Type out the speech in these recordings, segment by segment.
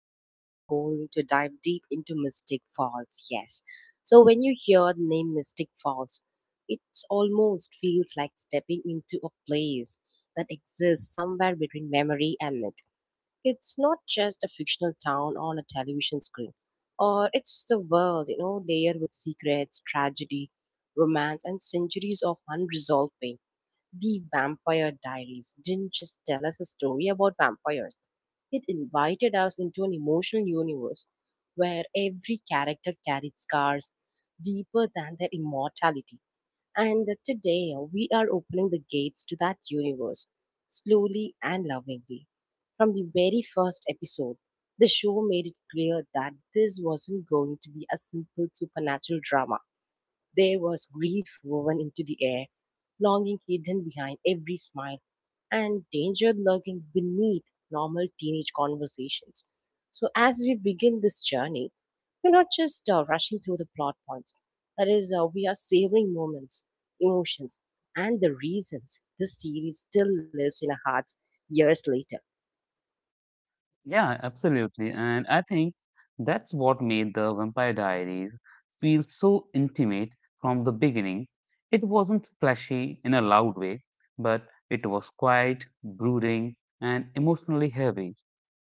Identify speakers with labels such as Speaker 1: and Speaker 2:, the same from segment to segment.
Speaker 1: we are going to dive deep into Mystic Falls. Yes. So, when you hear the name Mystic Falls, it almost feels like stepping into a place that exists somewhere between memory and myth. It's not just a fictional town on a television screen, or it's the world, layered with secrets, tragedy, romance, and centuries of unresolved pain. The Vampire Diaries didn't just tell us a story about vampires, it invited us into an emotional universe where every character carried scars deeper than their immortality. And today we are opening the gates to that universe slowly and lovingly. From the very first episode, the show made it clear that this wasn't going to be a simple supernatural drama. There was grief woven into the air, longing hidden behind every smile, and danger lurking beneath normal teenage conversations. So, as we begin this journey, we're not just rushing through the plot points. That is, we are savoring moments, emotions, and the reasons this series still lives in our hearts years later.
Speaker 2: Yeah, absolutely. And I think that's what made the Vampire Diaries feel so intimate from the beginning. It wasn't flashy in a loud way, but it was quiet, brooding, and emotionally heavy.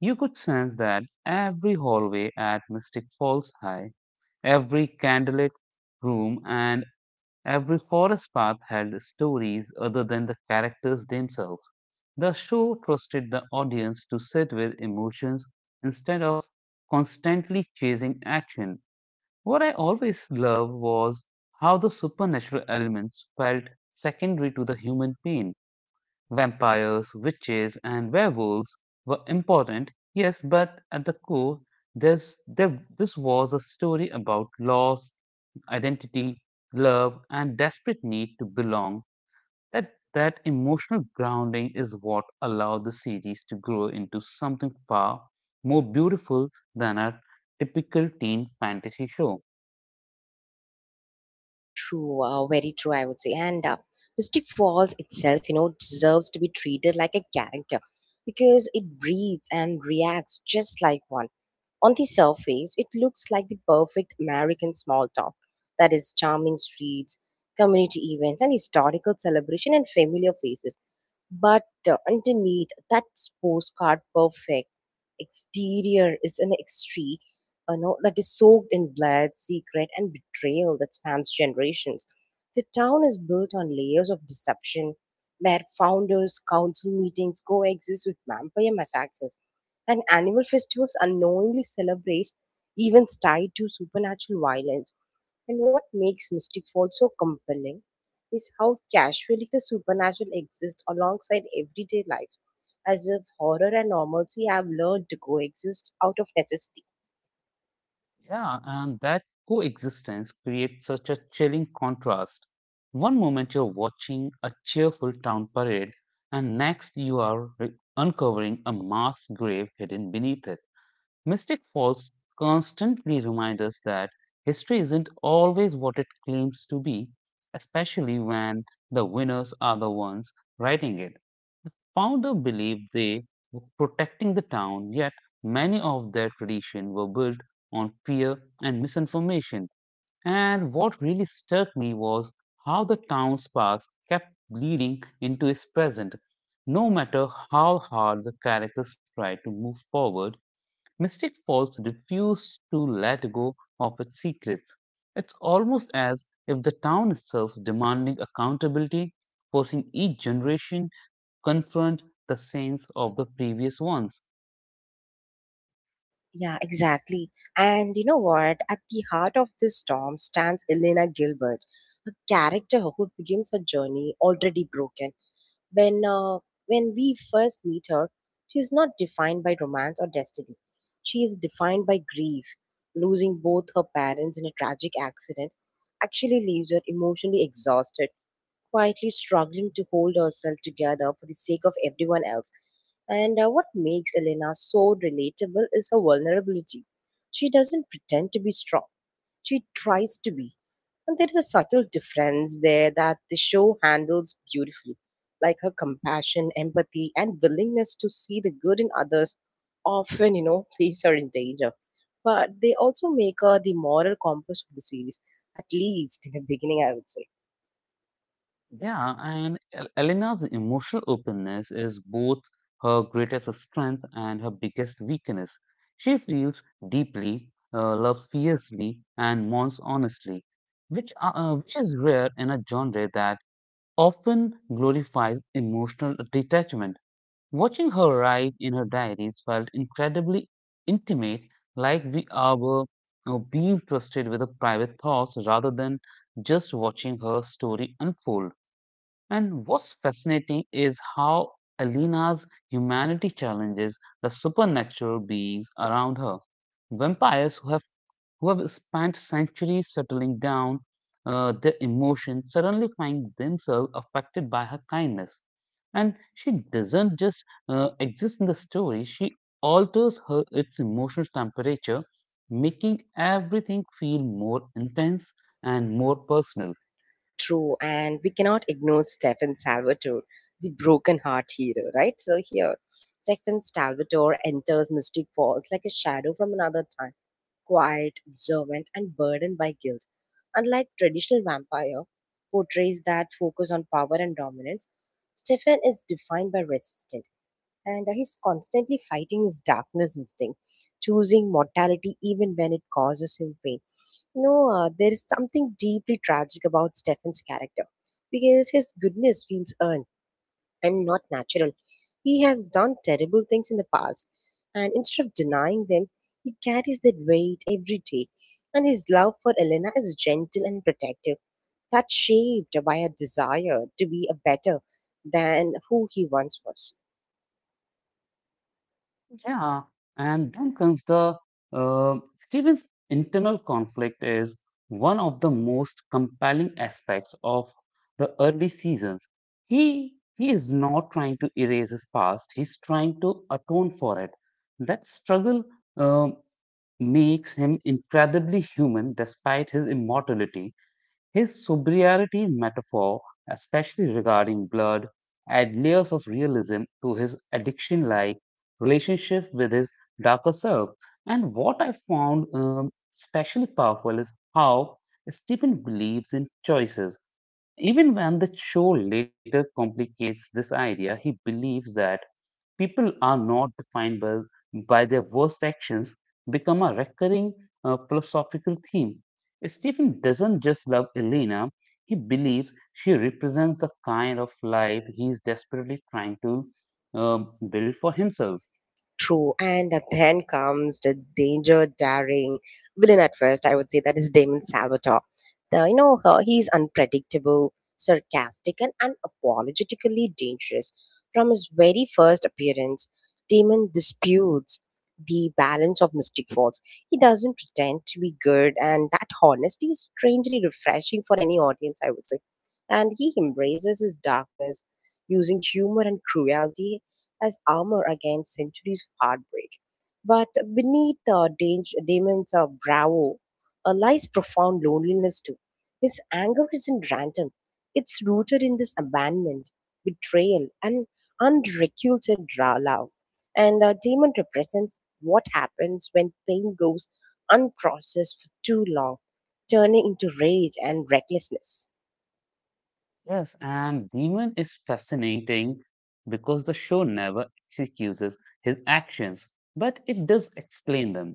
Speaker 2: You could sense that every hallway at Mystic Falls High, every candlelit room, and every forest path had stories other than the characters themselves. The show trusted the audience to sit with emotions instead of constantly chasing action. What I always loved was how the supernatural elements felt secondary to the human pain. Vampires, witches, and werewolves were important, yes, but at the core, this was a story about loss, identity, love, and desperate need to belong. That emotional grounding is what allowed the series to grow into something far more beautiful than a typical teen fantasy show.
Speaker 1: True, very true, I would say. And Mystic Falls itself, deserves to be treated like a character because it breathes and reacts just like one. On the surface, it looks like the perfect American small town, that is, charming streets, community events, and historical celebration and familiar faces. But underneath that postcard perfect exterior is an extreme no, that is soaked in blood, secret, and betrayal that spans generations. The town is built on layers of deception where founders' council meetings coexist with vampire massacres and animal festivals unknowingly celebrate events tied to supernatural violence. And what makes Mystic Fall so compelling is how casually the supernatural exists alongside everyday life, as if horror and normalcy have learned to coexist out of necessity.
Speaker 2: Yeah, and that coexistence creates such a chilling contrast. One moment you're watching a cheerful town parade, and next you are uncovering a mass grave hidden beneath it. Mystic Falls constantly remind us that history isn't always what it claims to be, especially when the winners are the ones writing it. Founder believed they were protecting the town, yet many of their traditions were built on fear and misinformation. And what really struck me was how the town's past kept bleeding into its present. No matter how hard the characters tried to move forward, Mystic Falls refused to let go of its secrets. It's almost as if the town itself demanding accountability, forcing each generation confront the sins of the previous ones.
Speaker 1: Yeah, exactly. And you know what? At the heart of this storm stands Elena Gilbert, a character who begins her journey already broken. When uh, when we first meet her, she is not defined by romance or destiny. She is defined by grief. Losing both her parents in a tragic accident actually leaves her emotionally exhausted, quietly struggling to hold herself together for the sake of everyone else. And what makes Elena so relatable is her vulnerability. She doesn't pretend to be strong, she tries to be. And there is a subtle difference there that the show handles beautifully, like her compassion, empathy, and willingness to see the good in others often, place her in danger. But they also make her the moral compass of the series, at least in the beginning, I would say.
Speaker 2: Yeah, and Elena's emotional openness is both her greatest strength and her biggest weakness. She feels deeply, loves fiercely, and mourns honestly, which is rare in a genre that often glorifies emotional detachment. Watching her write in her diaries felt incredibly intimate, like being trusted with her private thoughts rather than just watching her story unfold. And what's fascinating is how Alina's humanity challenges the supernatural beings around her. Vampires who have spent centuries settling down their emotions suddenly find themselves affected by her kindness. And she doesn't just exist in the story, she alters her its emotional temperature, making everything feel more intense and more personal.
Speaker 1: True, and we cannot ignore Stefan Salvatore, the broken heart hero, right? So here, Stefan Salvatore enters Mystic Falls like a shadow from another time, quiet, observant, and burdened by guilt. Unlike traditional vampire portrays that focus on power and dominance, Stefan is defined by resistance, and he's constantly fighting his darkness instinct, choosing mortality even when it causes him pain. No, there is something deeply tragic about Stephen's character because his goodness feels earned and not natural. He has done terrible things in the past, and instead of denying them, he carries that weight every day. And his love for Elena is gentle and protective, that's shaped by a desire to be a better than who he once was.
Speaker 2: Yeah, and then comes the Stephen's internal conflict is one of the most compelling aspects of the early seasons. He is not trying to erase his past; he's trying to atone for it. That struggle um, makes him incredibly human, despite his immortality. His sobriety metaphor, especially regarding blood, adds layers of realism to his addiction like relationship with his darker self. And what I found especially powerful is how Stephen believes in choices. Even when the show later complicates this idea, he believes that people are not defined by their worst actions, become a recurring philosophical theme. Stephen doesn't just love Elena, he believes she represents the kind of life he is desperately trying to uh, build for himself.
Speaker 1: True, and then comes the danger daring villain. At first, I would say that is Damon Salvatore. He's unpredictable, sarcastic, and unapologetically dangerous. From his very first appearance, Damon disputes the balance of Mystic Falls. He doesn't pretend to be good, and that honesty is strangely refreshing for any audience, I would say. And he embraces his darkness using humor and cruelty as armor against centuries of heartbreak. But beneath Damon's bravo lies profound loneliness too. His anger isn't random. It's rooted in this abandonment, betrayal, and love. And Damon represents what happens when pain goes unprocessed for too long, turning into rage and recklessness.
Speaker 2: Yes, and Demon is fascinating because the show never executes his actions, but it does explain them.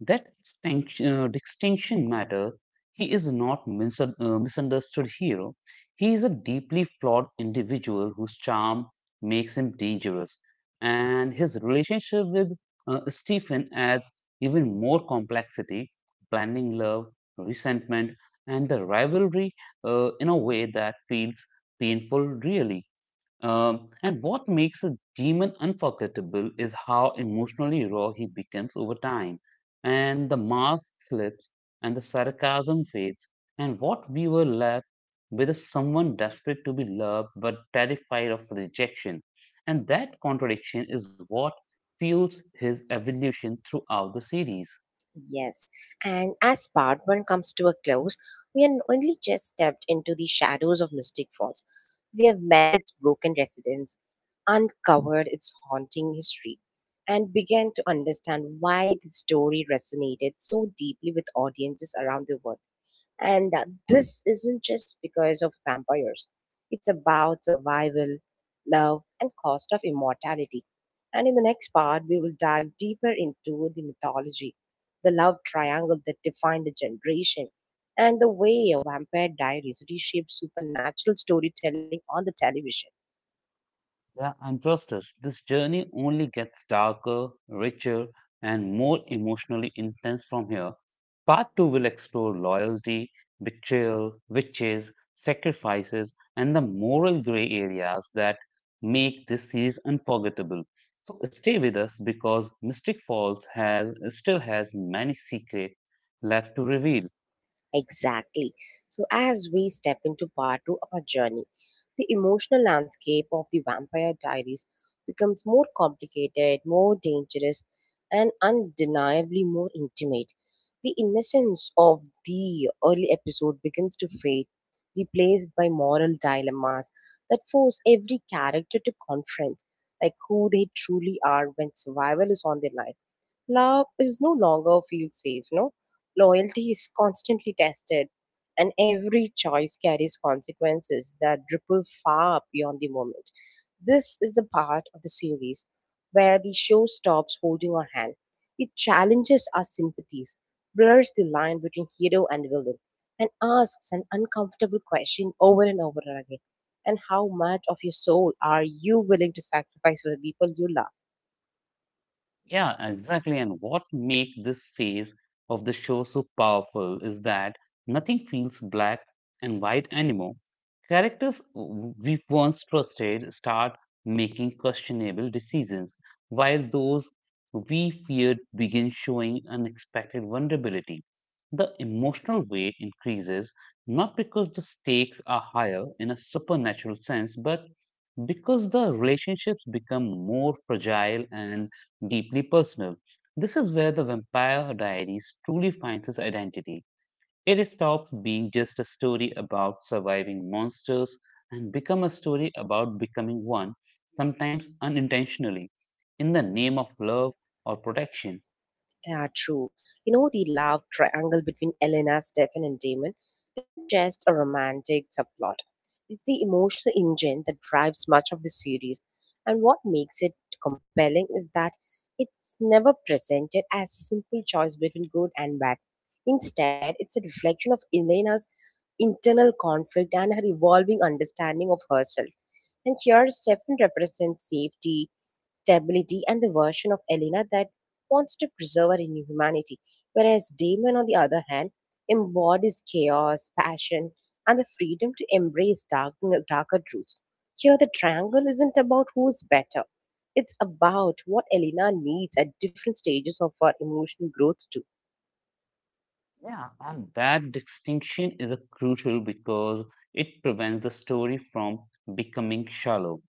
Speaker 2: That distinction matter. He is not mis- misunderstood hero. He is a deeply flawed individual whose charm makes him dangerous, and his relationship with Stephen adds even more complexity, blending love, resentment, and the rivalry in a way that feels painful, really. And what makes a demon unforgettable is how emotionally raw he becomes over time. And the mask slips and the sarcasm fades. And what we were left with is someone desperate to be loved but terrified of rejection. And that contradiction is what fuels his evolution throughout the series.
Speaker 1: Yes, and as part one comes to a close, we have only just stepped into the shadows of Mystic Falls. We have met its broken residents, uncovered its haunting history, and began to understand why the story resonated so deeply with audiences around the world. And this isn't just because of vampires, it's about survival, love, and cost of immortality. And in the next part, we will dive deeper into the mythology, the love triangle that defined a generation, and the way a vampire diaries reshaped supernatural storytelling on the television.
Speaker 2: Yeah, and trust us, this journey only gets darker, richer, and more emotionally intense from here. Part 2 will explore loyalty, betrayal, witches, sacrifices, and the moral gray areas that make this series unforgettable. So stay with us because Mystic Falls has still has many secrets left to reveal.
Speaker 1: Exactly. So, as we step into part two of our journey, the emotional landscape of the Vampire Diaries becomes more complicated, more dangerous, and undeniably more intimate. The innocence of the early episode begins to fade, replaced by moral dilemmas that force every character to confront like who they truly are when survival is on their line, love is no longer feels safe, no loyalty is constantly tested, and every choice carries consequences that ripple far beyond the moment. This is the part of the series where the show stops holding our hand, it challenges our sympathies, blurs the line between hero and villain, and asks an uncomfortable question over and over again: and how much of your soul are you willing to sacrifice for the people you love?
Speaker 2: Yeah, exactly. And what makes this phase of the show so powerful is that nothing feels black and white anymore. Characters we once trusted start making questionable decisions, while those we feared begin showing unexpected vulnerability. The emotional weight increases not because the stakes are higher in a supernatural sense, but because the relationships become more fragile and deeply personal. This is where the Vampire Diaries truly finds its identity. It stops being just a story about surviving monsters and become a story about becoming one, sometimes unintentionally, in the name of love or protection.
Speaker 1: Yeah, true. You know, the love triangle between Elena, Stefan, and Damon isn't just a romantic subplot. It's the emotional engine that drives much of the series. And what makes it compelling is that it's never presented as a simple choice between good and bad. Instead, it's a reflection of Elena's internal conflict and her evolving understanding of herself. And here, Stefan represents safety, stability, and the version of Elena that wants to preserve our humanity, whereas Damon, on the other hand, embodies chaos, passion, and the freedom to embrace darker truths. Here, the triangle isn't about who's better. It's about what Elena needs at different stages of her emotional growth, too.
Speaker 2: Yeah, and that distinction is a crucial because it prevents the story from becoming shallow.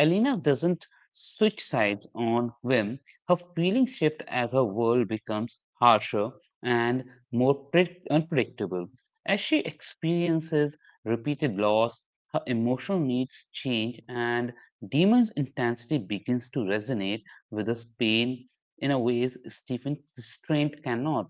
Speaker 2: Elena doesn't switch sides on whim. Her feelings shift as her world becomes harsher and more unpredictable. As she experiences repeated loss, her emotional needs change, and Demon's intensity begins to resonate with her pain in a ways Stephen Strange cannot.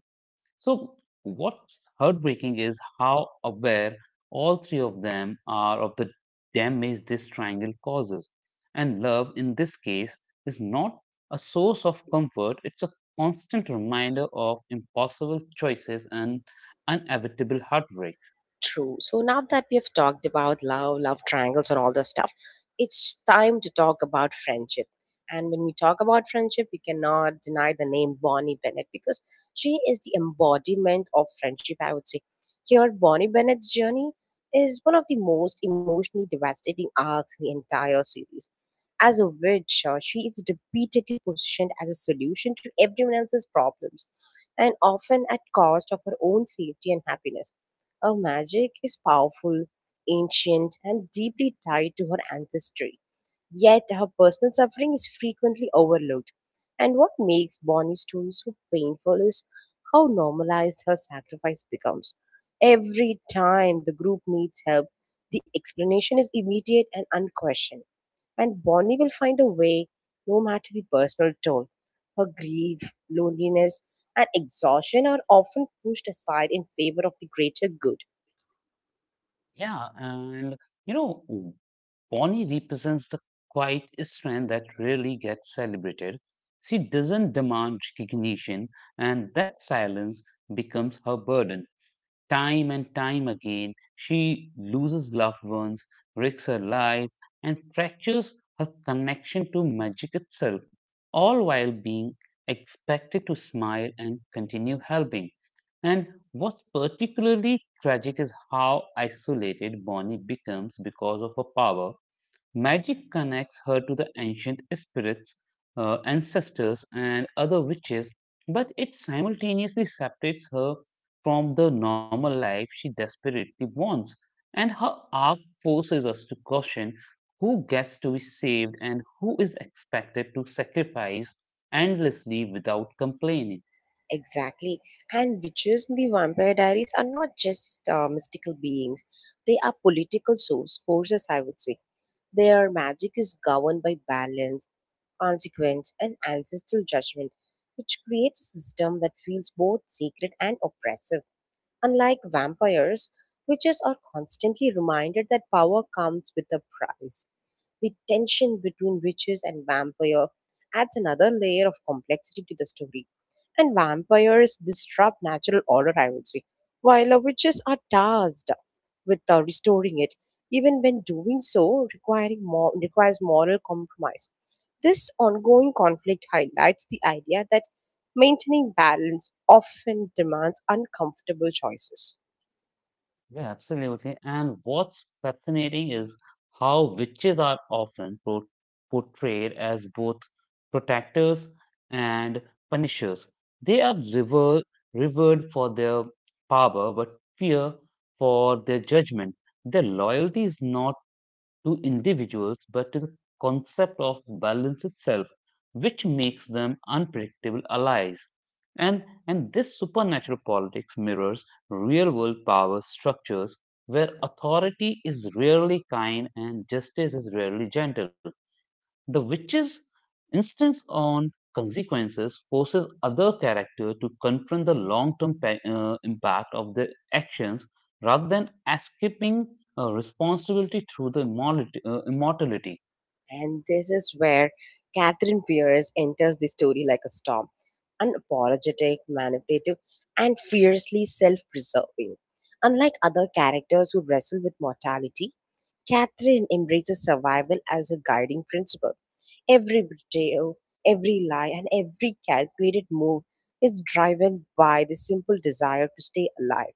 Speaker 2: So, what's heartbreaking is how aware all three of them are of the damage this triangle causes. And love, in this case, is not a source of comfort, it's a constant reminder of impossible choices and inevitable heartbreak.
Speaker 1: True. So now that we have talked about love, love triangles, and all this stuff, it's time to talk about friendship. And when we talk about friendship, we cannot deny the name Bonnie Bennett because she is the embodiment of friendship, I would say. Here, Bonnie Bennett's journey is one of the most emotionally devastating arcs in the entire series. As a witch, she is repeatedly positioned as a solution to everyone else's problems, and often at cost of her own safety and happiness. Her magic is powerful, ancient, and deeply tied to her ancestry. Yet her personal suffering is frequently overlooked. And what makes Bonnie's story so painful is how normalized her sacrifice becomes. Every time the group needs help, the explanation is immediate and unquestioned, and Bonnie will find a way, no matter the personal toll. Her grief, loneliness, and exhaustion are often pushed aside in favor of the greater good.
Speaker 2: Yeah, and you know, Bonnie represents the quiet strength that rarely gets celebrated. She doesn't demand recognition, and that silence becomes her burden. Time and time again, she loses loved ones, risks her life, and fractures her connection to magic itself, all while being expected to smile and continue helping. And what's particularly tragic is how isolated Bonnie becomes because of her power. Magic connects her to the ancient spirits, ancestors, and other witches, but it simultaneously separates her from the normal life she desperately wants. And her arc forces us to caution who gets to be saved and who is expected to sacrifice endlessly without complaining.
Speaker 1: Exactly. And witches in the Vampire Diaries are not just mystical beings, they are political forces, I would say. Their magic is governed by balance, consequence, and ancestral judgment, which creates a system that feels both sacred and oppressive. Unlike vampires, witches are constantly reminded that power comes with a price. The tension between witches and vampire adds another layer of complexity to the story. And vampires disrupt natural order, I would say, while witches are tasked with restoring it, even when doing so requires moral compromise. This ongoing conflict highlights the idea that maintaining balance often demands uncomfortable choices.
Speaker 2: Yeah, absolutely. And what's fascinating is how witches are often portrayed as both protectors and punishers. They are revered for their power but fear for their judgment. Their loyalty is not to individuals but to the concept of balance itself, which makes them unpredictable allies. And this supernatural politics mirrors real world power structures where authority is rarely kind and justice is rarely gentle. The witch's insistence on consequences forces other characters to confront the long term impact of their actions rather than escaping responsibility through the immortality.
Speaker 1: And this is where Catherine Pierce enters the story like a storm, unapologetic, manipulative, and fiercely self preserving. Unlike other characters who wrestle with mortality, Catherine embraces survival as her guiding principle. Every betrayal, every lie, and every calculated move is driven by the simple desire to stay alive.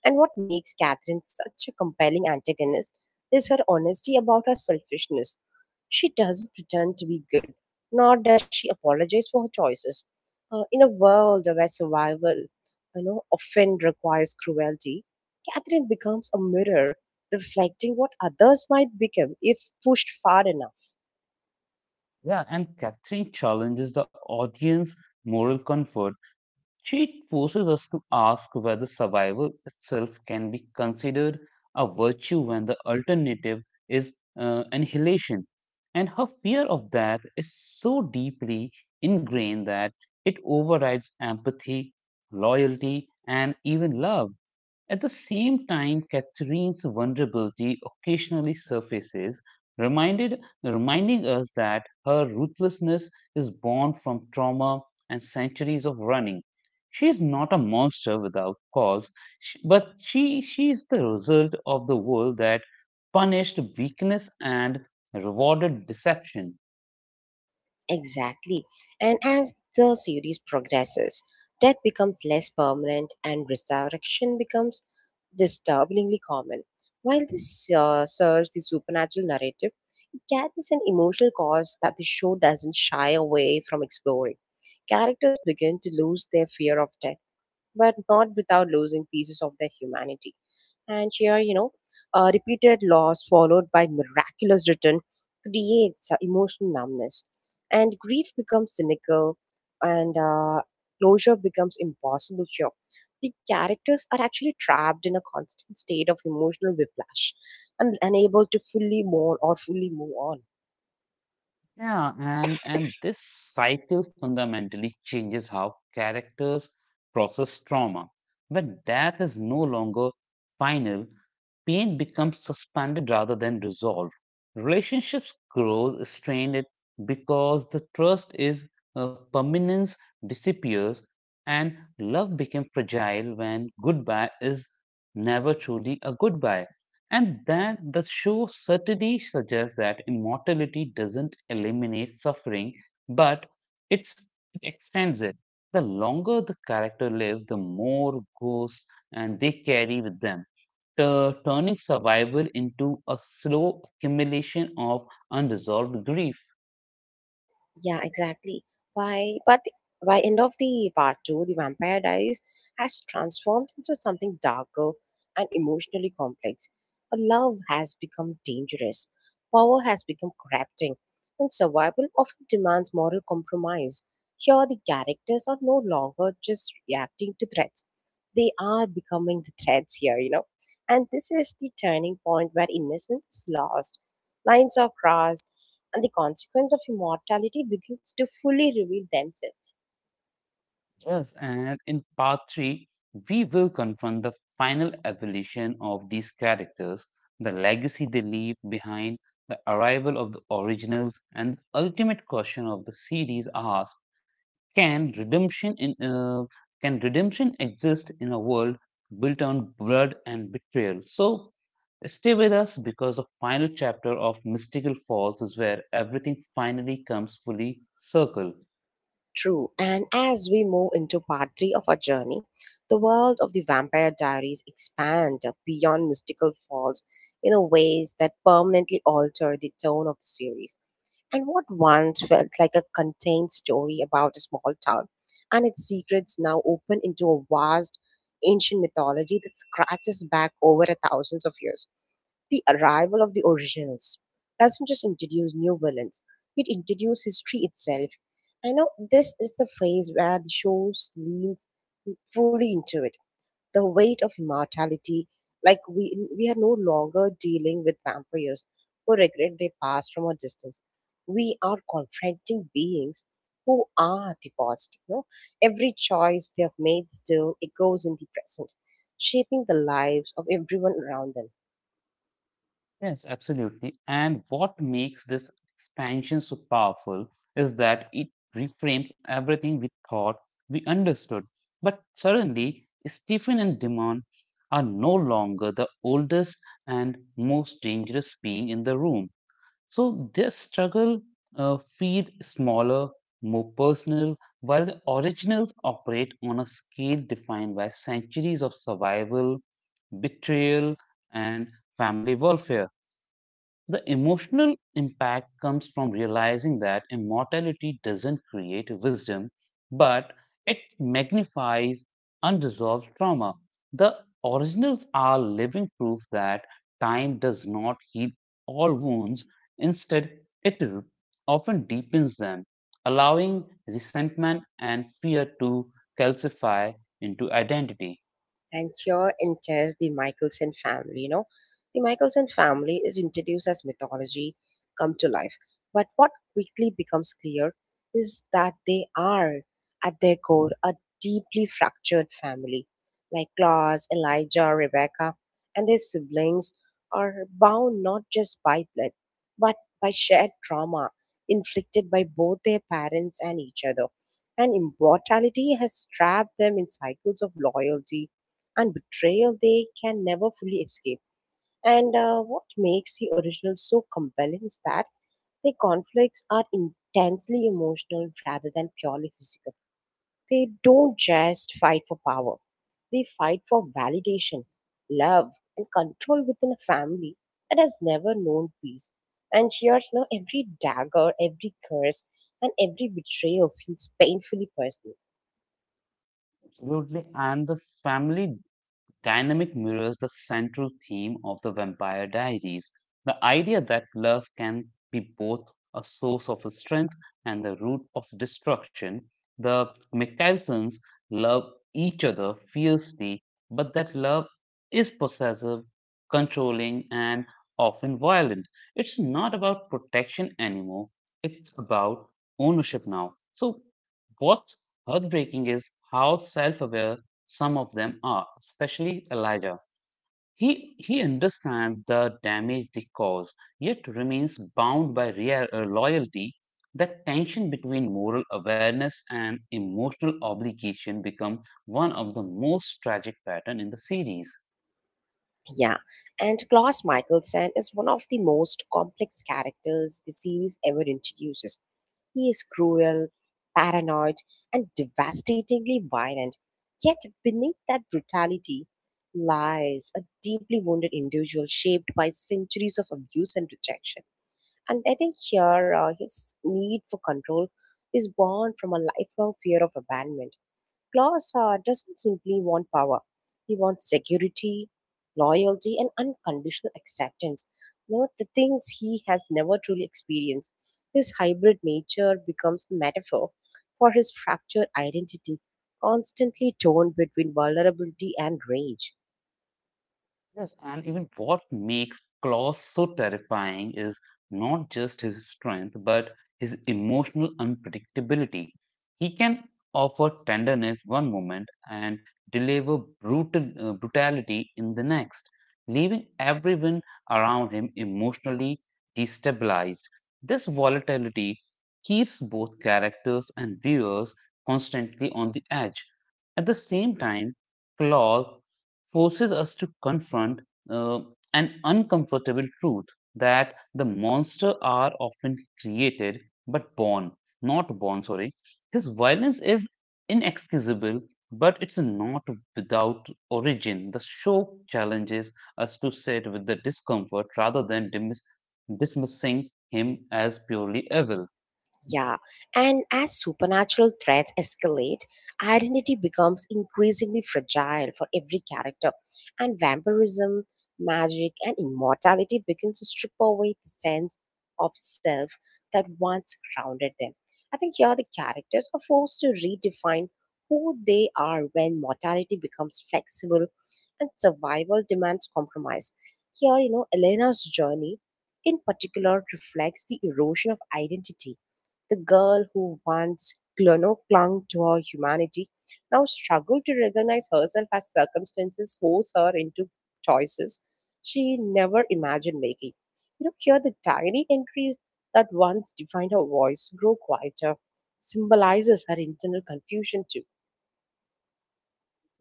Speaker 1: And what makes Catherine such a compelling antagonist is her honesty about her selfishness. She doesn't pretend to be good, nor does she apologize for her choices. In a world where survival, often requires cruelty, Catherine becomes a mirror reflecting what others might become if pushed far enough.
Speaker 2: Yeah, and Catherine challenges the audience moral comfort. She forces us to ask whether survival itself can be considered a virtue when the alternative is annihilation. And her fear of death is so deeply ingrained that it overrides empathy, loyalty, and even love. At the same time, Catherine's vulnerability occasionally surfaces, reminding us that her ruthlessness is born from trauma and centuries of running. She is not a monster without cause, but she is the result of the world that punished weakness and rewarded deception.
Speaker 1: Exactly. And as the series progresses, death becomes less permanent and resurrection becomes disturbingly common. While this serves the supernatural narrative, it carries an emotional cause that the show doesn't shy away from exploring. Characters begin to lose their fear of death, but not without losing pieces of their humanity. And here, repeated loss followed by miraculous return creates emotional numbness. And grief becomes cynical and closure becomes impossible here. The characters are actually trapped in a constant state of emotional whiplash and unable to fully mourn or fully move on.
Speaker 2: Yeah, and this cycle fundamentally changes how characters process trauma. When death is no longer final, pain becomes suspended rather than resolved. Relationships grow strained because the trust is permanence disappears and love became fragile when goodbye is never truly a goodbye. And that the show certainly suggests that immortality doesn't eliminate suffering, but it's it extends it. The longer the character live, the more ghosts and they carry with them, turning survival into a slow accumulation of unresolved grief.
Speaker 1: Yeah, exactly. By but the- by end of the part two, the Vampire Diaries has transformed into something darker and emotionally complex. A love has become dangerous, power has become corrupting, and survival often demands moral compromise. Here, the characters are no longer just reacting to threats; they are becoming the threats here, you know. And this is the turning point where innocence is lost, lines are crossed, and the consequence of immortality begins to fully reveal themselves.
Speaker 2: Yes, and in part three, we will confront the final evolution of these characters, the legacy they leave behind, the arrival of the originals, and the ultimate question of the series asks: Can redemption in uh, can redemption exist in a world built on blood and betrayal? So stay with us because the final chapter of Mystical Falls is where everything finally comes fully circle.
Speaker 1: True. And as we move into part three of our journey, the world of the Vampire Diaries expand beyond mystical falls in a ways that permanently alter the tone of the series. And what once felt like a contained story about a small town and its secrets now open into a vast ancient mythology that scratches back over a thousands of years. The arrival of the originals doesn't just introduce new villains, it introduces history itself. I know this is the phase where the show leans fully into it. The weight of immortality, like we are no longer dealing with vampires who regret their past from a distance. We are confronting beings who are the past. You know, every choice they have made still echoes in the present, shaping the lives of everyone around them.
Speaker 2: Yes, absolutely. And what makes this expansion so powerful is that it reframes everything we thought we understood. But suddenly, Stephen and Demon are no longer the oldest and most dangerous being in the room. So their struggle feel smaller, more personal, while the originals operate on a scale defined by centuries of survival, betrayal, and family welfare. The emotional impact comes from realizing that immortality doesn't create wisdom, but it magnifies unresolved trauma. The originals are living proof that time does not heal all wounds, instead, it r- often deepens them, allowing resentment and fear to calcify into identity.
Speaker 1: And here enters the Michelson family. The Michelson family is introduced as mythology come to life. But what quickly becomes clear is that they are, at their core, a deeply fractured family. Like Claus, Elijah, Rebecca, and their siblings are bound not just by blood, but by shared trauma inflicted by both their parents and each other. And immortality has trapped them in cycles of loyalty and betrayal they can never fully escape. And what makes the original so compelling is that the conflicts are intensely emotional rather than purely physical. They don't just fight for power, they fight for validation, love, and control within a family that has never known peace. And here, every dagger, every curse, and every betrayal feels painfully personal.
Speaker 2: Absolutely, and the family dynamic mirrors the central theme of the Vampire Diaries, the idea that love can be both a source of strength and the root of destruction. The Michaelsons love each other fiercely, but that love is possessive, controlling, and often violent. It's not about protection anymore, it's about ownership now. So, what's heartbreaking is how self aware some of them are, especially Elijah. He understands the damage they cause, yet remains bound by loyalty. That tension between moral awareness and emotional obligation becomes one of the most tragic patterns in the series.
Speaker 1: Yeah, and Klaus Michelson is one of the most complex characters the series ever introduces. He is cruel, paranoid, and devastatingly violent. Yet, beneath that brutality lies a deeply wounded individual shaped by centuries of abuse and rejection. And I think here his need for control is born from a lifelong fear of abandonment. Claus doesn't simply want power, he wants security, loyalty, and unconditional acceptance. You know, the things he has never truly experienced. His hybrid nature becomes a metaphor for his fractured identity, constantly torn between vulnerability and rage.
Speaker 2: Yes, and even what makes Klaus so terrifying is not just his strength, but his emotional unpredictability. He can offer tenderness one moment and deliver brutality in the next, leaving everyone around him emotionally destabilized. This volatility keeps both characters and viewers constantly on the edge. At the same time, Claw forces us to confront uh, an uncomfortable truth that the monsters are often created but born, not born, sorry. His violence is inexcusable, but it's not without origin. The show challenges us to sit with the discomfort rather than dismissing him as purely evil.
Speaker 1: Yeah, and as supernatural threats escalate, identity becomes increasingly fragile for every character, and vampirism, magic, and immortality begin to strip away the sense of self that once grounded them. I think here the characters are forced to redefine who they are when mortality becomes flexible and survival demands compromise. Here, Elena's journey in particular reflects the erosion of identity. The girl who once cl- no, clung to her humanity now struggled to recognize herself as circumstances force her into choices she never imagined making. You know, here the tiny entries that once defined her voice grow quieter, symbolizes her internal confusion too.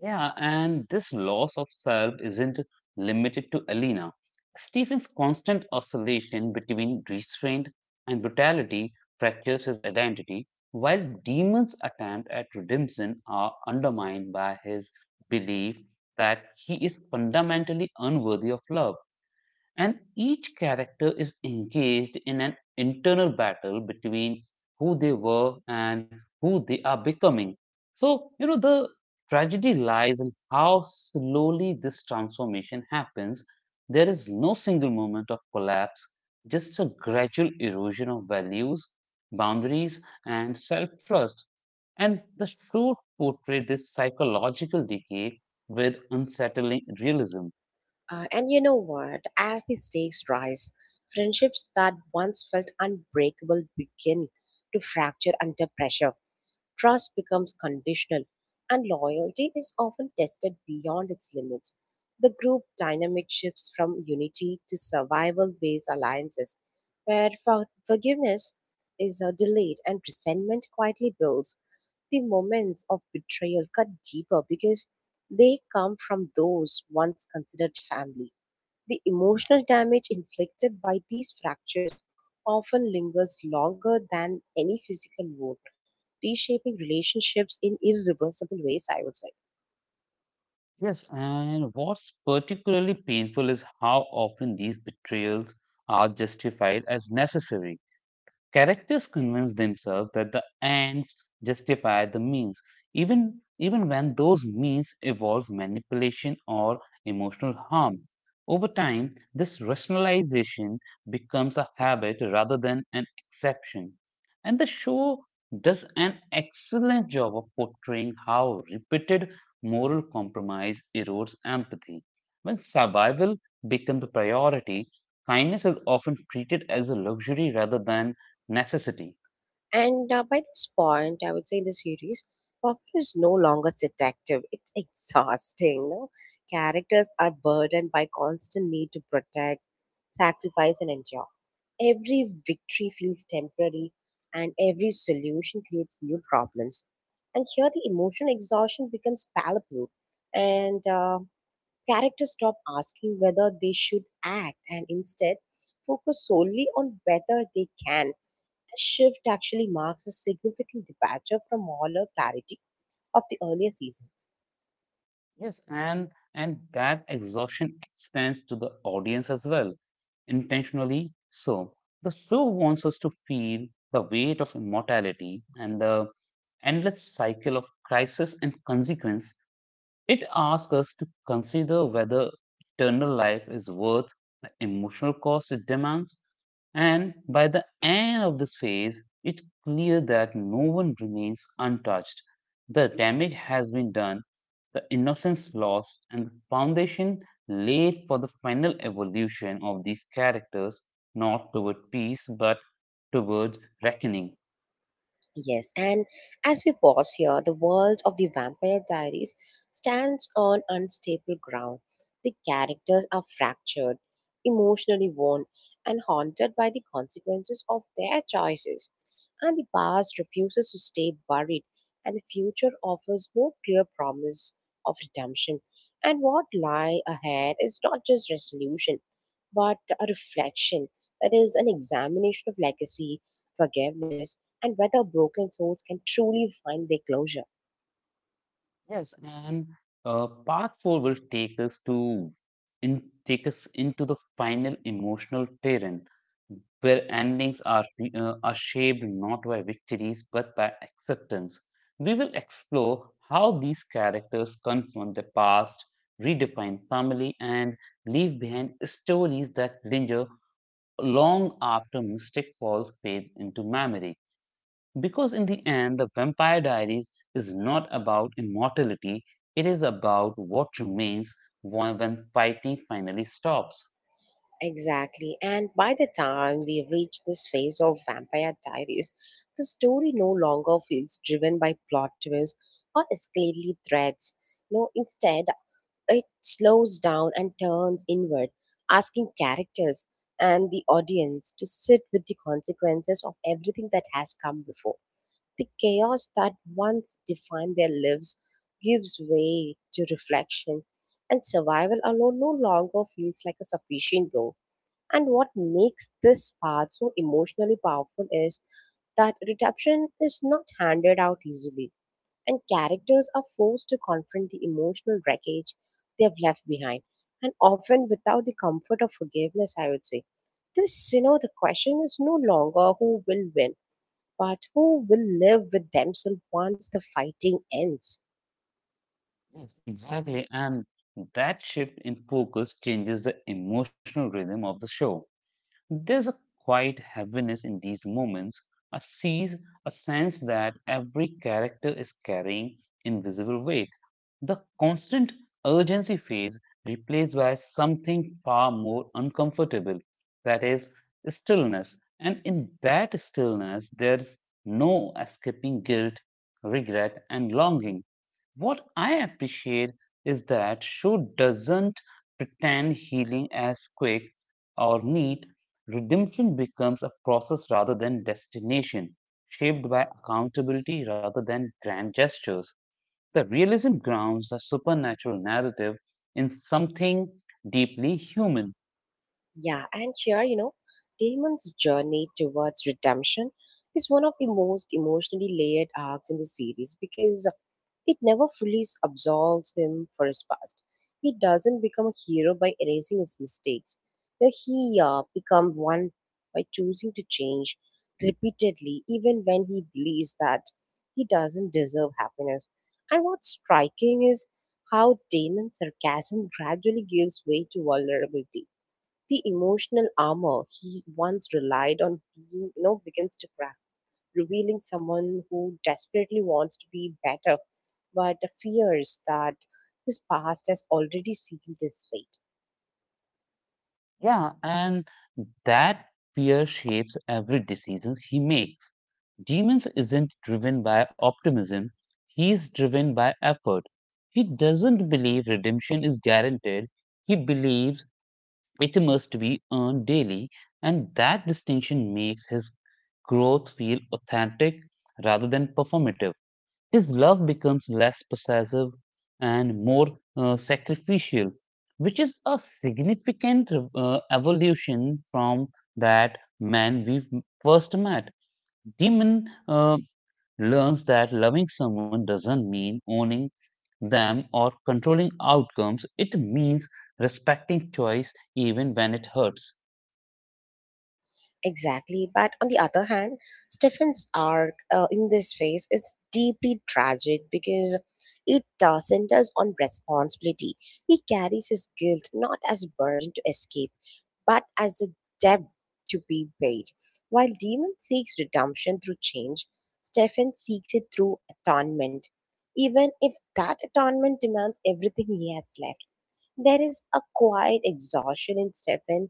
Speaker 2: Yeah, and this loss of self isn't limited to Alina. Stephen's constant oscillation between restraint and brutality fractures his identity, while Demon's attempt at redemption are undermined by his belief that he is fundamentally unworthy of love. And each character is engaged in an internal battle between who they were and who they are becoming. So, you know, the tragedy lies in how slowly this transformation happens. There is no single moment of collapse, just a gradual erosion of values, boundaries, and self trust. And the show portray this psychological decay with unsettling realism.
Speaker 1: And you know what? As the stakes rise, friendships that once felt unbreakable begin to fracture under pressure. Trust becomes conditional, and loyalty is often tested beyond its limits. The group dynamic shifts from unity to survival based alliances, where forgiveness is delayed and resentment quietly builds. The moments of betrayal cut deeper because they come from those once considered family. The emotional damage inflicted by these fractures often lingers longer than any physical wound, reshaping relationships in irreversible ways, I would say.
Speaker 2: Yes, and what's particularly painful is how often these betrayals are justified as necessary. Characters convince themselves that the ends justify the means, even when those means involve manipulation or emotional harm. Over time, this rationalization becomes a habit rather than an exception. And the show does an excellent job of portraying how repeated moral compromise erodes empathy. When survival becomes a priority, kindness is often treated as a luxury rather than necessity.
Speaker 1: And By this point, I would say in the series, Popper is no longer seductive. It's exhausting. No? Characters are burdened by constant need to protect, sacrifice, and endure. Every victory feels temporary, and every solution creates new problems. And here, the emotional exhaustion becomes palpable, and characters stop asking whether they should act and instead focus solely on whether they can. This shift actually marks a significant departure from molar clarity of the earlier seasons.
Speaker 2: Yes, and that exhaustion extends to the audience as well, intentionally so. The show wants us to feel the weight of immortality and the endless cycle of crisis and consequence. It asks us to consider whether eternal life is worth the emotional cost it demands. And by the end of this phase, it's clear that no one remains untouched. The damage has been done, the innocence lost, and the foundation laid for the final evolution of these characters, not toward peace, but towards reckoning.
Speaker 1: Yes, and as we pause here, the world of the Vampire Diaries stands on unstable ground. The characters are fractured, emotionally worn, and haunted by the consequences of their choices. And the past refuses to stay buried, and the future offers no clear promise of redemption. And what lie ahead is not just resolution, but a reflection that is an examination of legacy, forgiveness and whether broken souls can truly find their closure.
Speaker 2: Yes, and part four will take us take us into the final emotional terrain where endings are shaped not by victories but by acceptance. We will explore how these characters confront the past, redefine family, and leave behind stories that linger long after Mystic Falls fades into memory. Because in the end, The Vampire Diaries is not about immortality, it is about what remains when fighting finally stops.
Speaker 1: Exactly. And by the time we reach this phase of Vampire Diaries, the story no longer feels driven by plot twists or escalating threads. No, instead, it slows down and turns inward, asking characters and the audience to sit with the consequences of everything that has come before. The chaos that once defined their lives gives way to reflection, and survival alone no longer feels like a sufficient goal. And what makes this path so emotionally powerful is that redemption is not handed out easily, and characters are forced to confront the emotional wreckage they have left behind, and often without the comfort of forgiveness, I would say. The question is no longer who will win but who will live with themselves once the fighting ends?
Speaker 2: Yes, exactly. And that shift in focus changes the emotional rhythm of the show. There's a quiet heaviness in these moments, a sees a sense that every character is carrying invisible weight. The constant urgency phase replaced by something far more uncomfortable, that is stillness. And in that stillness, there's no escaping guilt, regret, and longing. What I appreciate is that show doesn't pretend healing as quick or neat. Redemption becomes a process rather than destination, shaped by accountability rather than grand gestures. The realism grounds the supernatural narrative in something deeply human.
Speaker 1: Yeah, and here, Damon's journey towards redemption is one of the most emotionally layered arcs in the series because it never fully absolves him for his past. He doesn't become a hero by erasing his mistakes. You know, he becomes one by choosing to change repeatedly, even when he believes that he doesn't deserve happiness. And what's striking is how Damon's sarcasm gradually gives way to vulnerability. The emotional armor he once relied on begins to crack, revealing someone who desperately wants to be better, but fears that his past has already sealed his fate.
Speaker 2: Yeah, and that fear shapes every decision he makes. Demons isn't driven by optimism, he's driven by effort. He doesn't believe redemption is guaranteed. He believes it must be earned daily, and that distinction makes his growth feel authentic rather than performative. His love becomes less possessive and more sacrificial, which is a significant evolution from that man we first met. Demon learns that loving someone doesn't mean owning them or controlling outcomes. It means respecting choice even when it hurts.
Speaker 1: Exactly. But on the other hand, Stephen's arc in this phase is deeply tragic because it centers on responsibility. He carries his guilt not as a burden to escape, but as a debt to be paid. While Demon seeks redemption through change, Stefan seeks it through atonement. Even if that atonement demands everything he has left, there is a quiet exhaustion in Stefan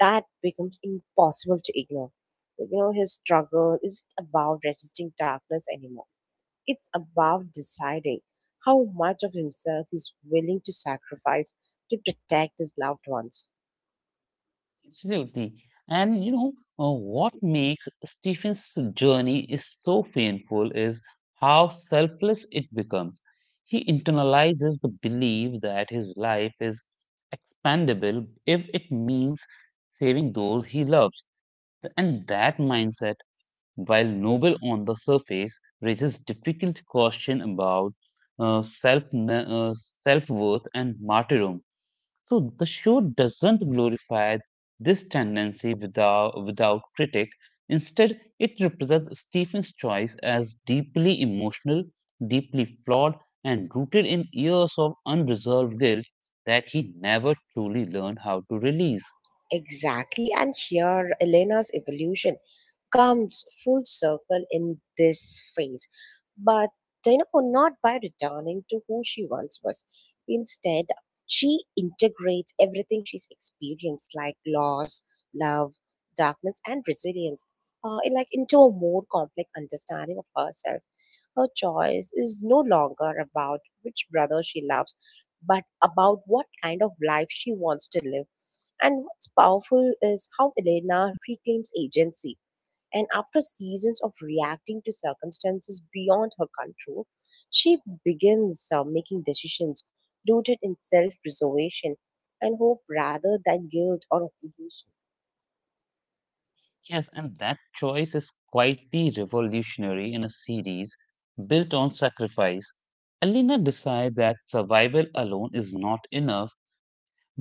Speaker 1: that becomes impossible to ignore. You know, his struggle isn't about resisting darkness anymore. It's about deciding how much of himself he's willing to sacrifice to protect his loved ones.
Speaker 2: Absolutely. And you know, what makes Stephen's journey is so painful is how selfless it becomes. He internalizes the belief that his life is expandable if it means saving those he loves. And that mindset, while noble on the surface, raises difficult question about self worth and martyrdom. So the show doesn't glorify this tendency without critic. Instead, it represents Stephen's choice as deeply emotional, deeply flawed, and rooted in years of unresolved guilt that he never truly learned how to release.
Speaker 1: Exactly. And here, Elena's evolution comes full circle in this phase. But, you know, not by returning to who she once was. Instead, she integrates everything she's experienced: loss, love, darkness, and resilience, into a more complex understanding of herself. Her choice is no longer about which brother she loves, but about what kind of life she wants to live, and what's powerful is how Elena reclaims agency. And after seasons of reacting to circumstances beyond her control, she begins making decisions rooted in self preservation and hope rather than guilt or obligation.
Speaker 2: Yes, and that choice is quietly revolutionary in a series built on sacrifice. Alina decides that survival alone is not enough,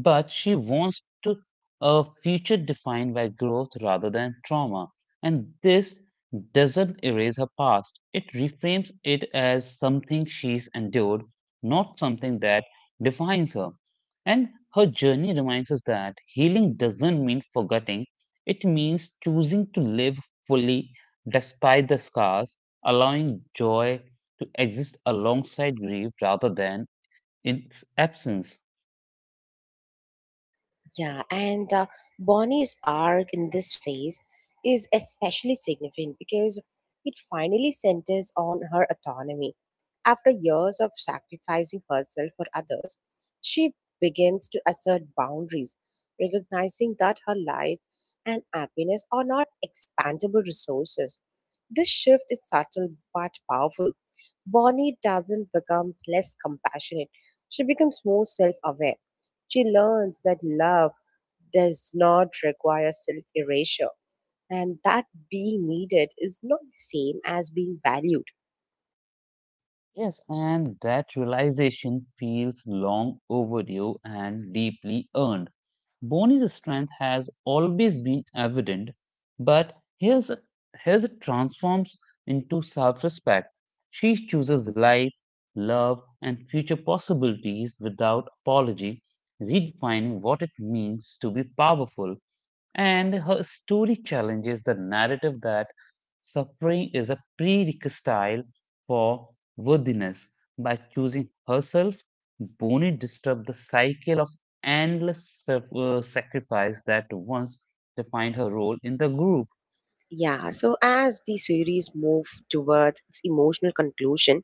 Speaker 2: but she wants to a future defined by growth rather than trauma. And this doesn't erase her past. It reframes it as something she's endured, not something that defines her. And her journey reminds us that healing doesn't mean forgetting, it means choosing to live fully despite the scars, allowing joy to exist alongside grief rather than its absence.
Speaker 1: Yeah, and Bonnie's arc in this phase is especially significant because it finally centers on her autonomy. After years of sacrificing herself for others, she begins to assert boundaries, recognizing that her life and happiness are not expandable resources. This shift is subtle but powerful. Bonnie doesn't become less compassionate, she becomes more self aware. She learns that love does not require self erasure. And that being needed is not the same as being valued.
Speaker 2: Yes, and that realization feels long overdue and deeply earned. Bonnie's strength has always been evident, but here's it transforms into self respect. She chooses life, love, and future possibilities without apology, redefining what it means to be powerful. And her story challenges the narrative that suffering is a prerequisite for worthiness. By choosing herself, Bonnie disturbed the cycle of endless sacrifice that once defined her role in the group.
Speaker 1: Yeah, so as the series move towards its emotional conclusion,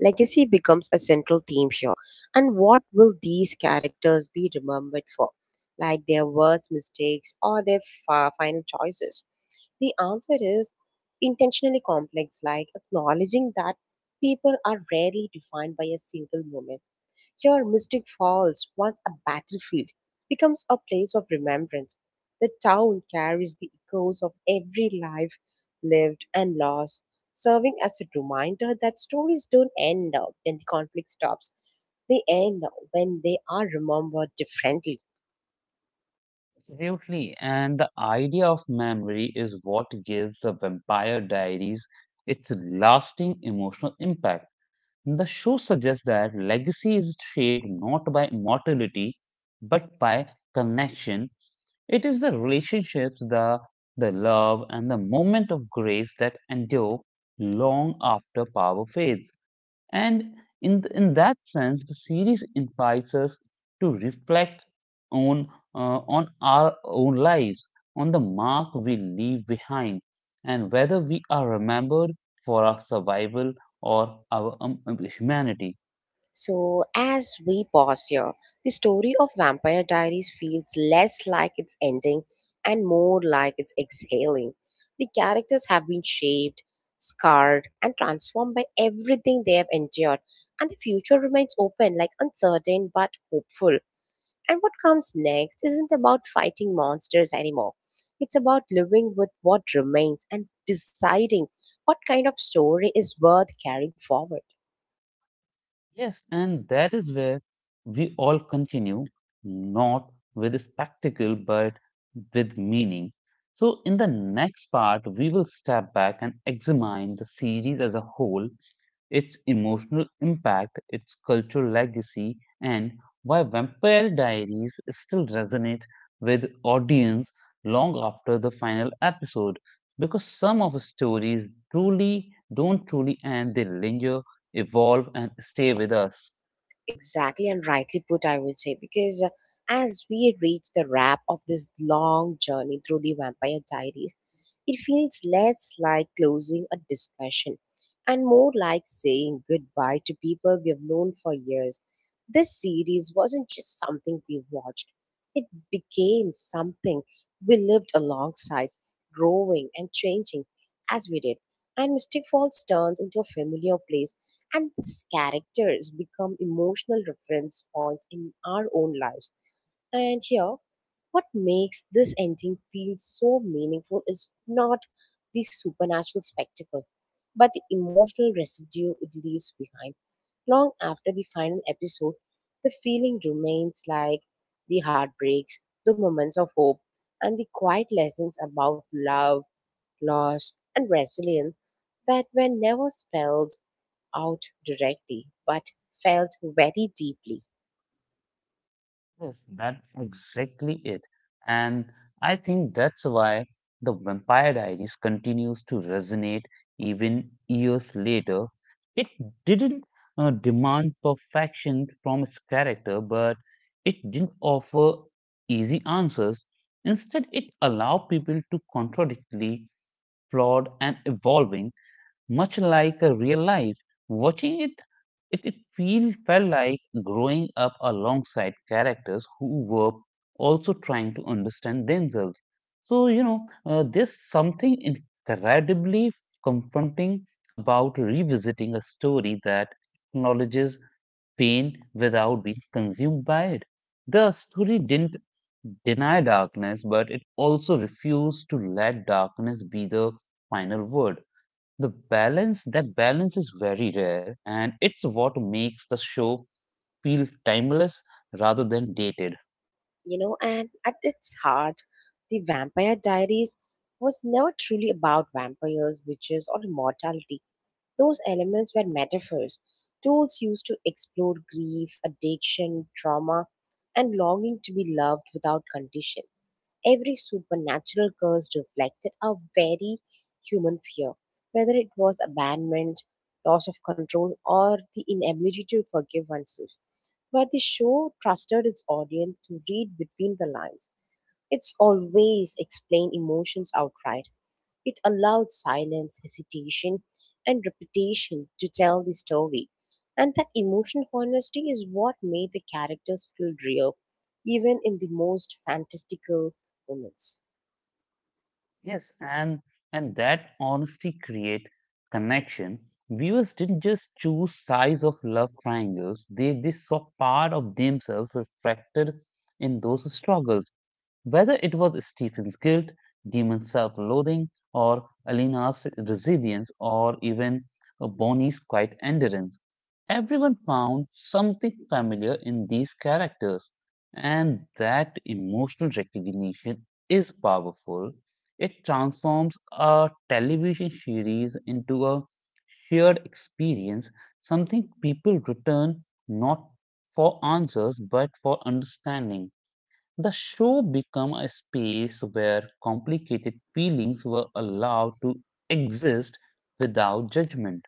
Speaker 1: legacy becomes a central theme here. And what will these characters be remembered for? Like their words, mistakes, or their final choices? The answer is intentionally complex, like acknowledging that people are rarely defined by a single moment. Here, Mystic Falls, once a battlefield, becomes a place of remembrance. The town carries the echoes of every life lived and lost, serving as a reminder that stories don't end when the conflict stops. They end when they are remembered differently.
Speaker 2: Absolutely, and the idea of memory is what gives the Vampire Diaries its lasting emotional impact. The show suggests that legacy is shaped not by immortality but by connection. It is the relationships, the love and the moment of grace that endure long after power fades. And in that sense, the series invites us to reflect on on our own lives, on the mark we leave behind, and whether we are remembered for our survival or our humanity.
Speaker 1: So, as we pause here, the story of Vampire Diaries feels less like it's ending and more like it's exhaling. The characters have been shaped, scarred, and transformed by everything they have endured, and the future remains open, like uncertain but hopeful. And what comes next isn't about fighting monsters anymore. It's about living with what remains and deciding what kind of story is worth carrying forward.
Speaker 2: Yes, and that is where we all continue, not with spectacle, but with meaning. So, in the next part, we will step back and examine the series as a whole, its emotional impact, its cultural legacy, and why Vampire Diaries still resonate with audience long after the final episode. Because some of the stories truly don't truly end, they linger, evolve, and stay with us.
Speaker 1: Exactly and rightly put, I would say, because as we reach the wrap of this long journey through the Vampire Diaries, it feels less like closing a discussion and more like saying goodbye to people we have known for years. This series wasn't just something we watched, it became something we lived alongside, growing and changing as we did and Mystic Falls turns into a familiar place, and these characters become emotional reference points in our own lives. And here, what makes this ending feel so meaningful is not the supernatural spectacle, but the emotional residue it leaves behind. Long after the final episode, the feeling remains like the heartbreaks, the moments of hope, and the quiet lessons about love loss, and resilience that were never spelled out directly but felt very deeply.
Speaker 2: Yes, that's exactly it. And I think that's why the Vampire Diaries continues to resonate even years later. It didn't demand perfection from its character, but it didn't offer easy answers. Instead, it allowed people to contradictory, flawed, and evolving much like a real life. Watching it, it felt like growing up alongside characters who were also trying to understand themselves. So, you know, there's something incredibly confronting about revisiting a story that acknowledges pain without being consumed by it. The story didn't deny darkness, but it also refused to let darkness be the final word. That balance is very rare, and it's what makes the show feel timeless rather than dated.
Speaker 1: You know, and at its heart, The Vampire Diaries was never truly about vampires, witches, or immortality. Those elements were metaphors, tools used to explore grief, addiction, trauma, and longing to be loved without condition. Every supernatural curse reflected a very human fear, whether it was abandonment, loss of control, or the inability to forgive oneself. But the show trusted its audience to read between the lines. It's always explained emotions outright, it allowed silence, hesitation, and repetition to tell the story. And that emotional honesty is what made the characters feel real, even in the most fantastical moments.
Speaker 2: Yes, and that honesty create connection. Viewers didn't just choose size of love triangles; they saw part of themselves reflected in those struggles. Whether it was Stephen's guilt, Demon's self loathing, or Alina's resilience, or even Bonnie's quiet endurance, everyone found something familiar in these characters. And that emotional recognition is powerful. It transforms a television series into a shared experience, something people return not for answers but for understanding. The show became a space where complicated feelings were allowed to exist without judgment.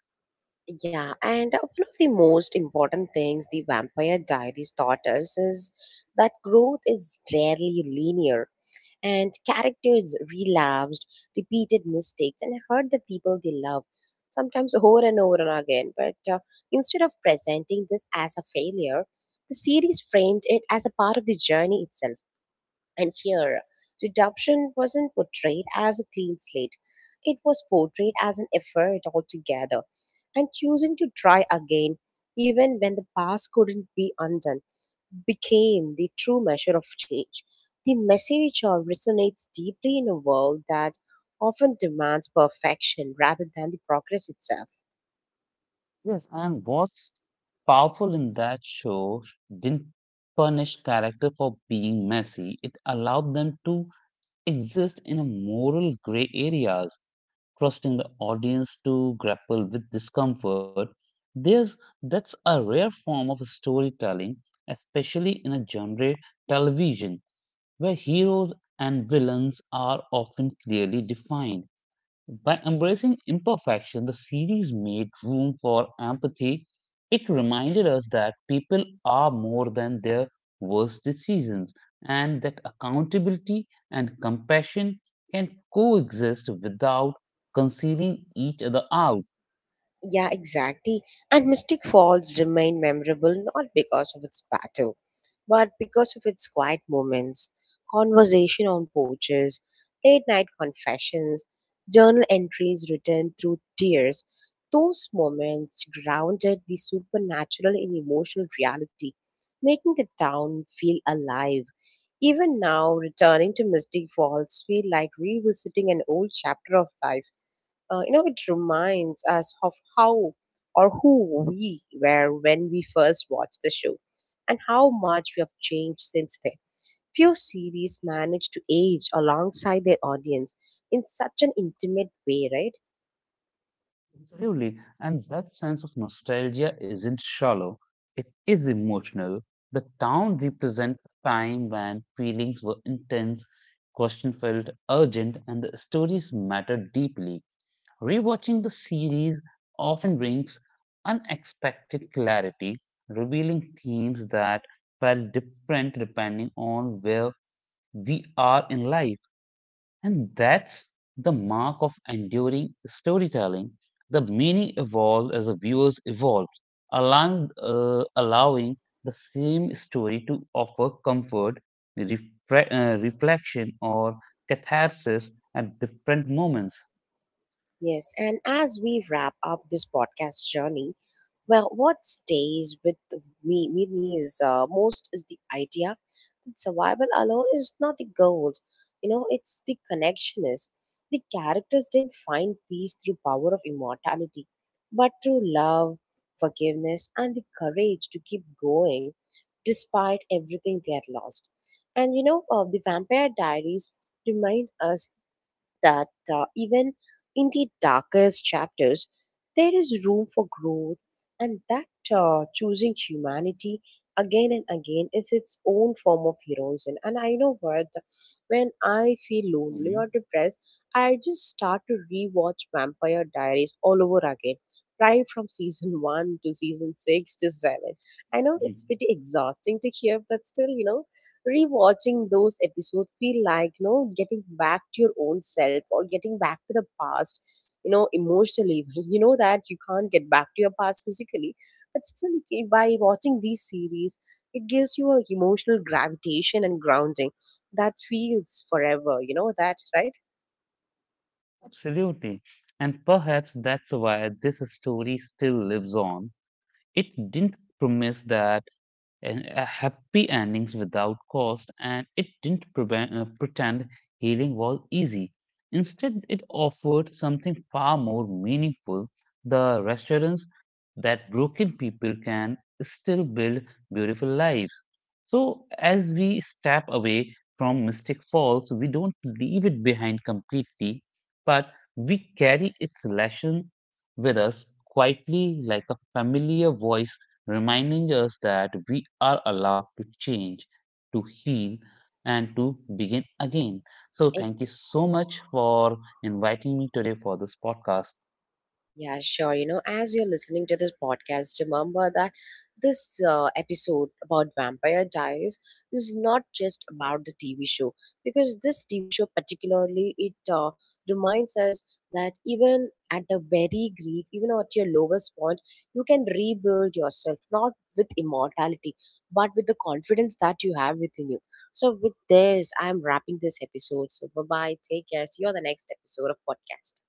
Speaker 1: Yeah, and one of the most important things the Vampire Diaries taught us is that growth is rarely linear. And characters relapsed, repeated mistakes, and hurt the people they love, sometimes over and over and again. But instead of presenting this as a failure, the series framed it as a part of the journey itself. And here, redemption wasn't portrayed as a clean slate. It was portrayed as an effort altogether and choosing to try again even when the past couldn't be undone became the true measure of change. The message resonates deeply in a world that often demands perfection rather than the progress itself.
Speaker 2: Yes, and what's powerful in that show didn't punish character for being messy. It allowed them to exist in a moral gray areas, trusting the audience to grapple with discomfort. There's that's a rare form of storytelling, especially in a genre television where heroes and villains are often clearly defined. By embracing imperfection, the series made room for empathy. It reminded us that people are more than their worst decisions and that accountability and compassion can coexist without concealing each other out.
Speaker 1: Yeah, exactly. And Mystic Falls remain memorable not because of its battle, but because of its quiet moments, conversation on porches, late night confessions, journal entries written through tears. Those moments grounded the supernatural in emotional reality, making the town feel alive. Even now, returning to Mystic Falls feel like revisiting an old chapter of life. You know, it reminds us of how or who we were when we first watched the show and how much we have changed since then. Few series manage to age alongside their audience in such an intimate way, right?
Speaker 2: Absolutely. And that sense of nostalgia isn't shallow, it is emotional. The town represents a time when feelings were intense, question felt urgent, and the stories mattered deeply. Rewatching the series often brings unexpected clarity, revealing themes that felt different depending on where we are in life. And that's the mark of enduring storytelling. The meaning evolved as the viewers evolved, allowing the same story to offer comfort, reflection, or catharsis at different moments.
Speaker 1: Yes, and as we wrap up this podcast journey, well, what stays with me is most is the idea that survival alone is not the goal. You know, it's the connection is. The characters didn't find peace through power of immortality, but through love, forgiveness, and the courage to keep going despite everything they had lost. And you know, the Vampire Diaries remind us that even in the darkest chapters, there is room for growth, and that choosing humanity again and again is its own form of heroism. And I know what, when I feel lonely or
Speaker 2: Mhm.
Speaker 1: depressed, I just start to rewatch Vampire Diaries all over again. Right from season one to season six to seven. I know
Speaker 2: Mhm.
Speaker 1: it's pretty exhausting to hear, but still, you know, rewatching those episodes feel like you know getting back to your own self or getting back to the past you know emotionally you know that you can't get back to your past physically but still you can- by watching these series it gives you a emotional gravitation and grounding that feels forever you know that right.
Speaker 2: Absolutely. And perhaps that's why this story still lives on. It didn't promise that and happy endings without cost, and it didn't pretend healing was easy. Instead, it offered something far more meaningful, the reassurance that broken people can still build beautiful lives. So, as we step away from Mystic Falls, we don't leave it behind completely, but we carry its lesson with us quietly like a familiar voice reminding us that we are allowed to change, to heal, and to begin again. So, thank you so much for inviting me today for this podcast.
Speaker 1: Yeah, sure. You know, as you're listening to this podcast, remember that this episode about Vampire Diaries is not just about the TV show because this TV show particularly it reminds us that even at a very grief, even at your lowest point, you can rebuild yourself not with immortality but with the confidence that you have within you. So with this, I'm wrapping this episode. So bye bye. Take care. See you on the next episode of podcast.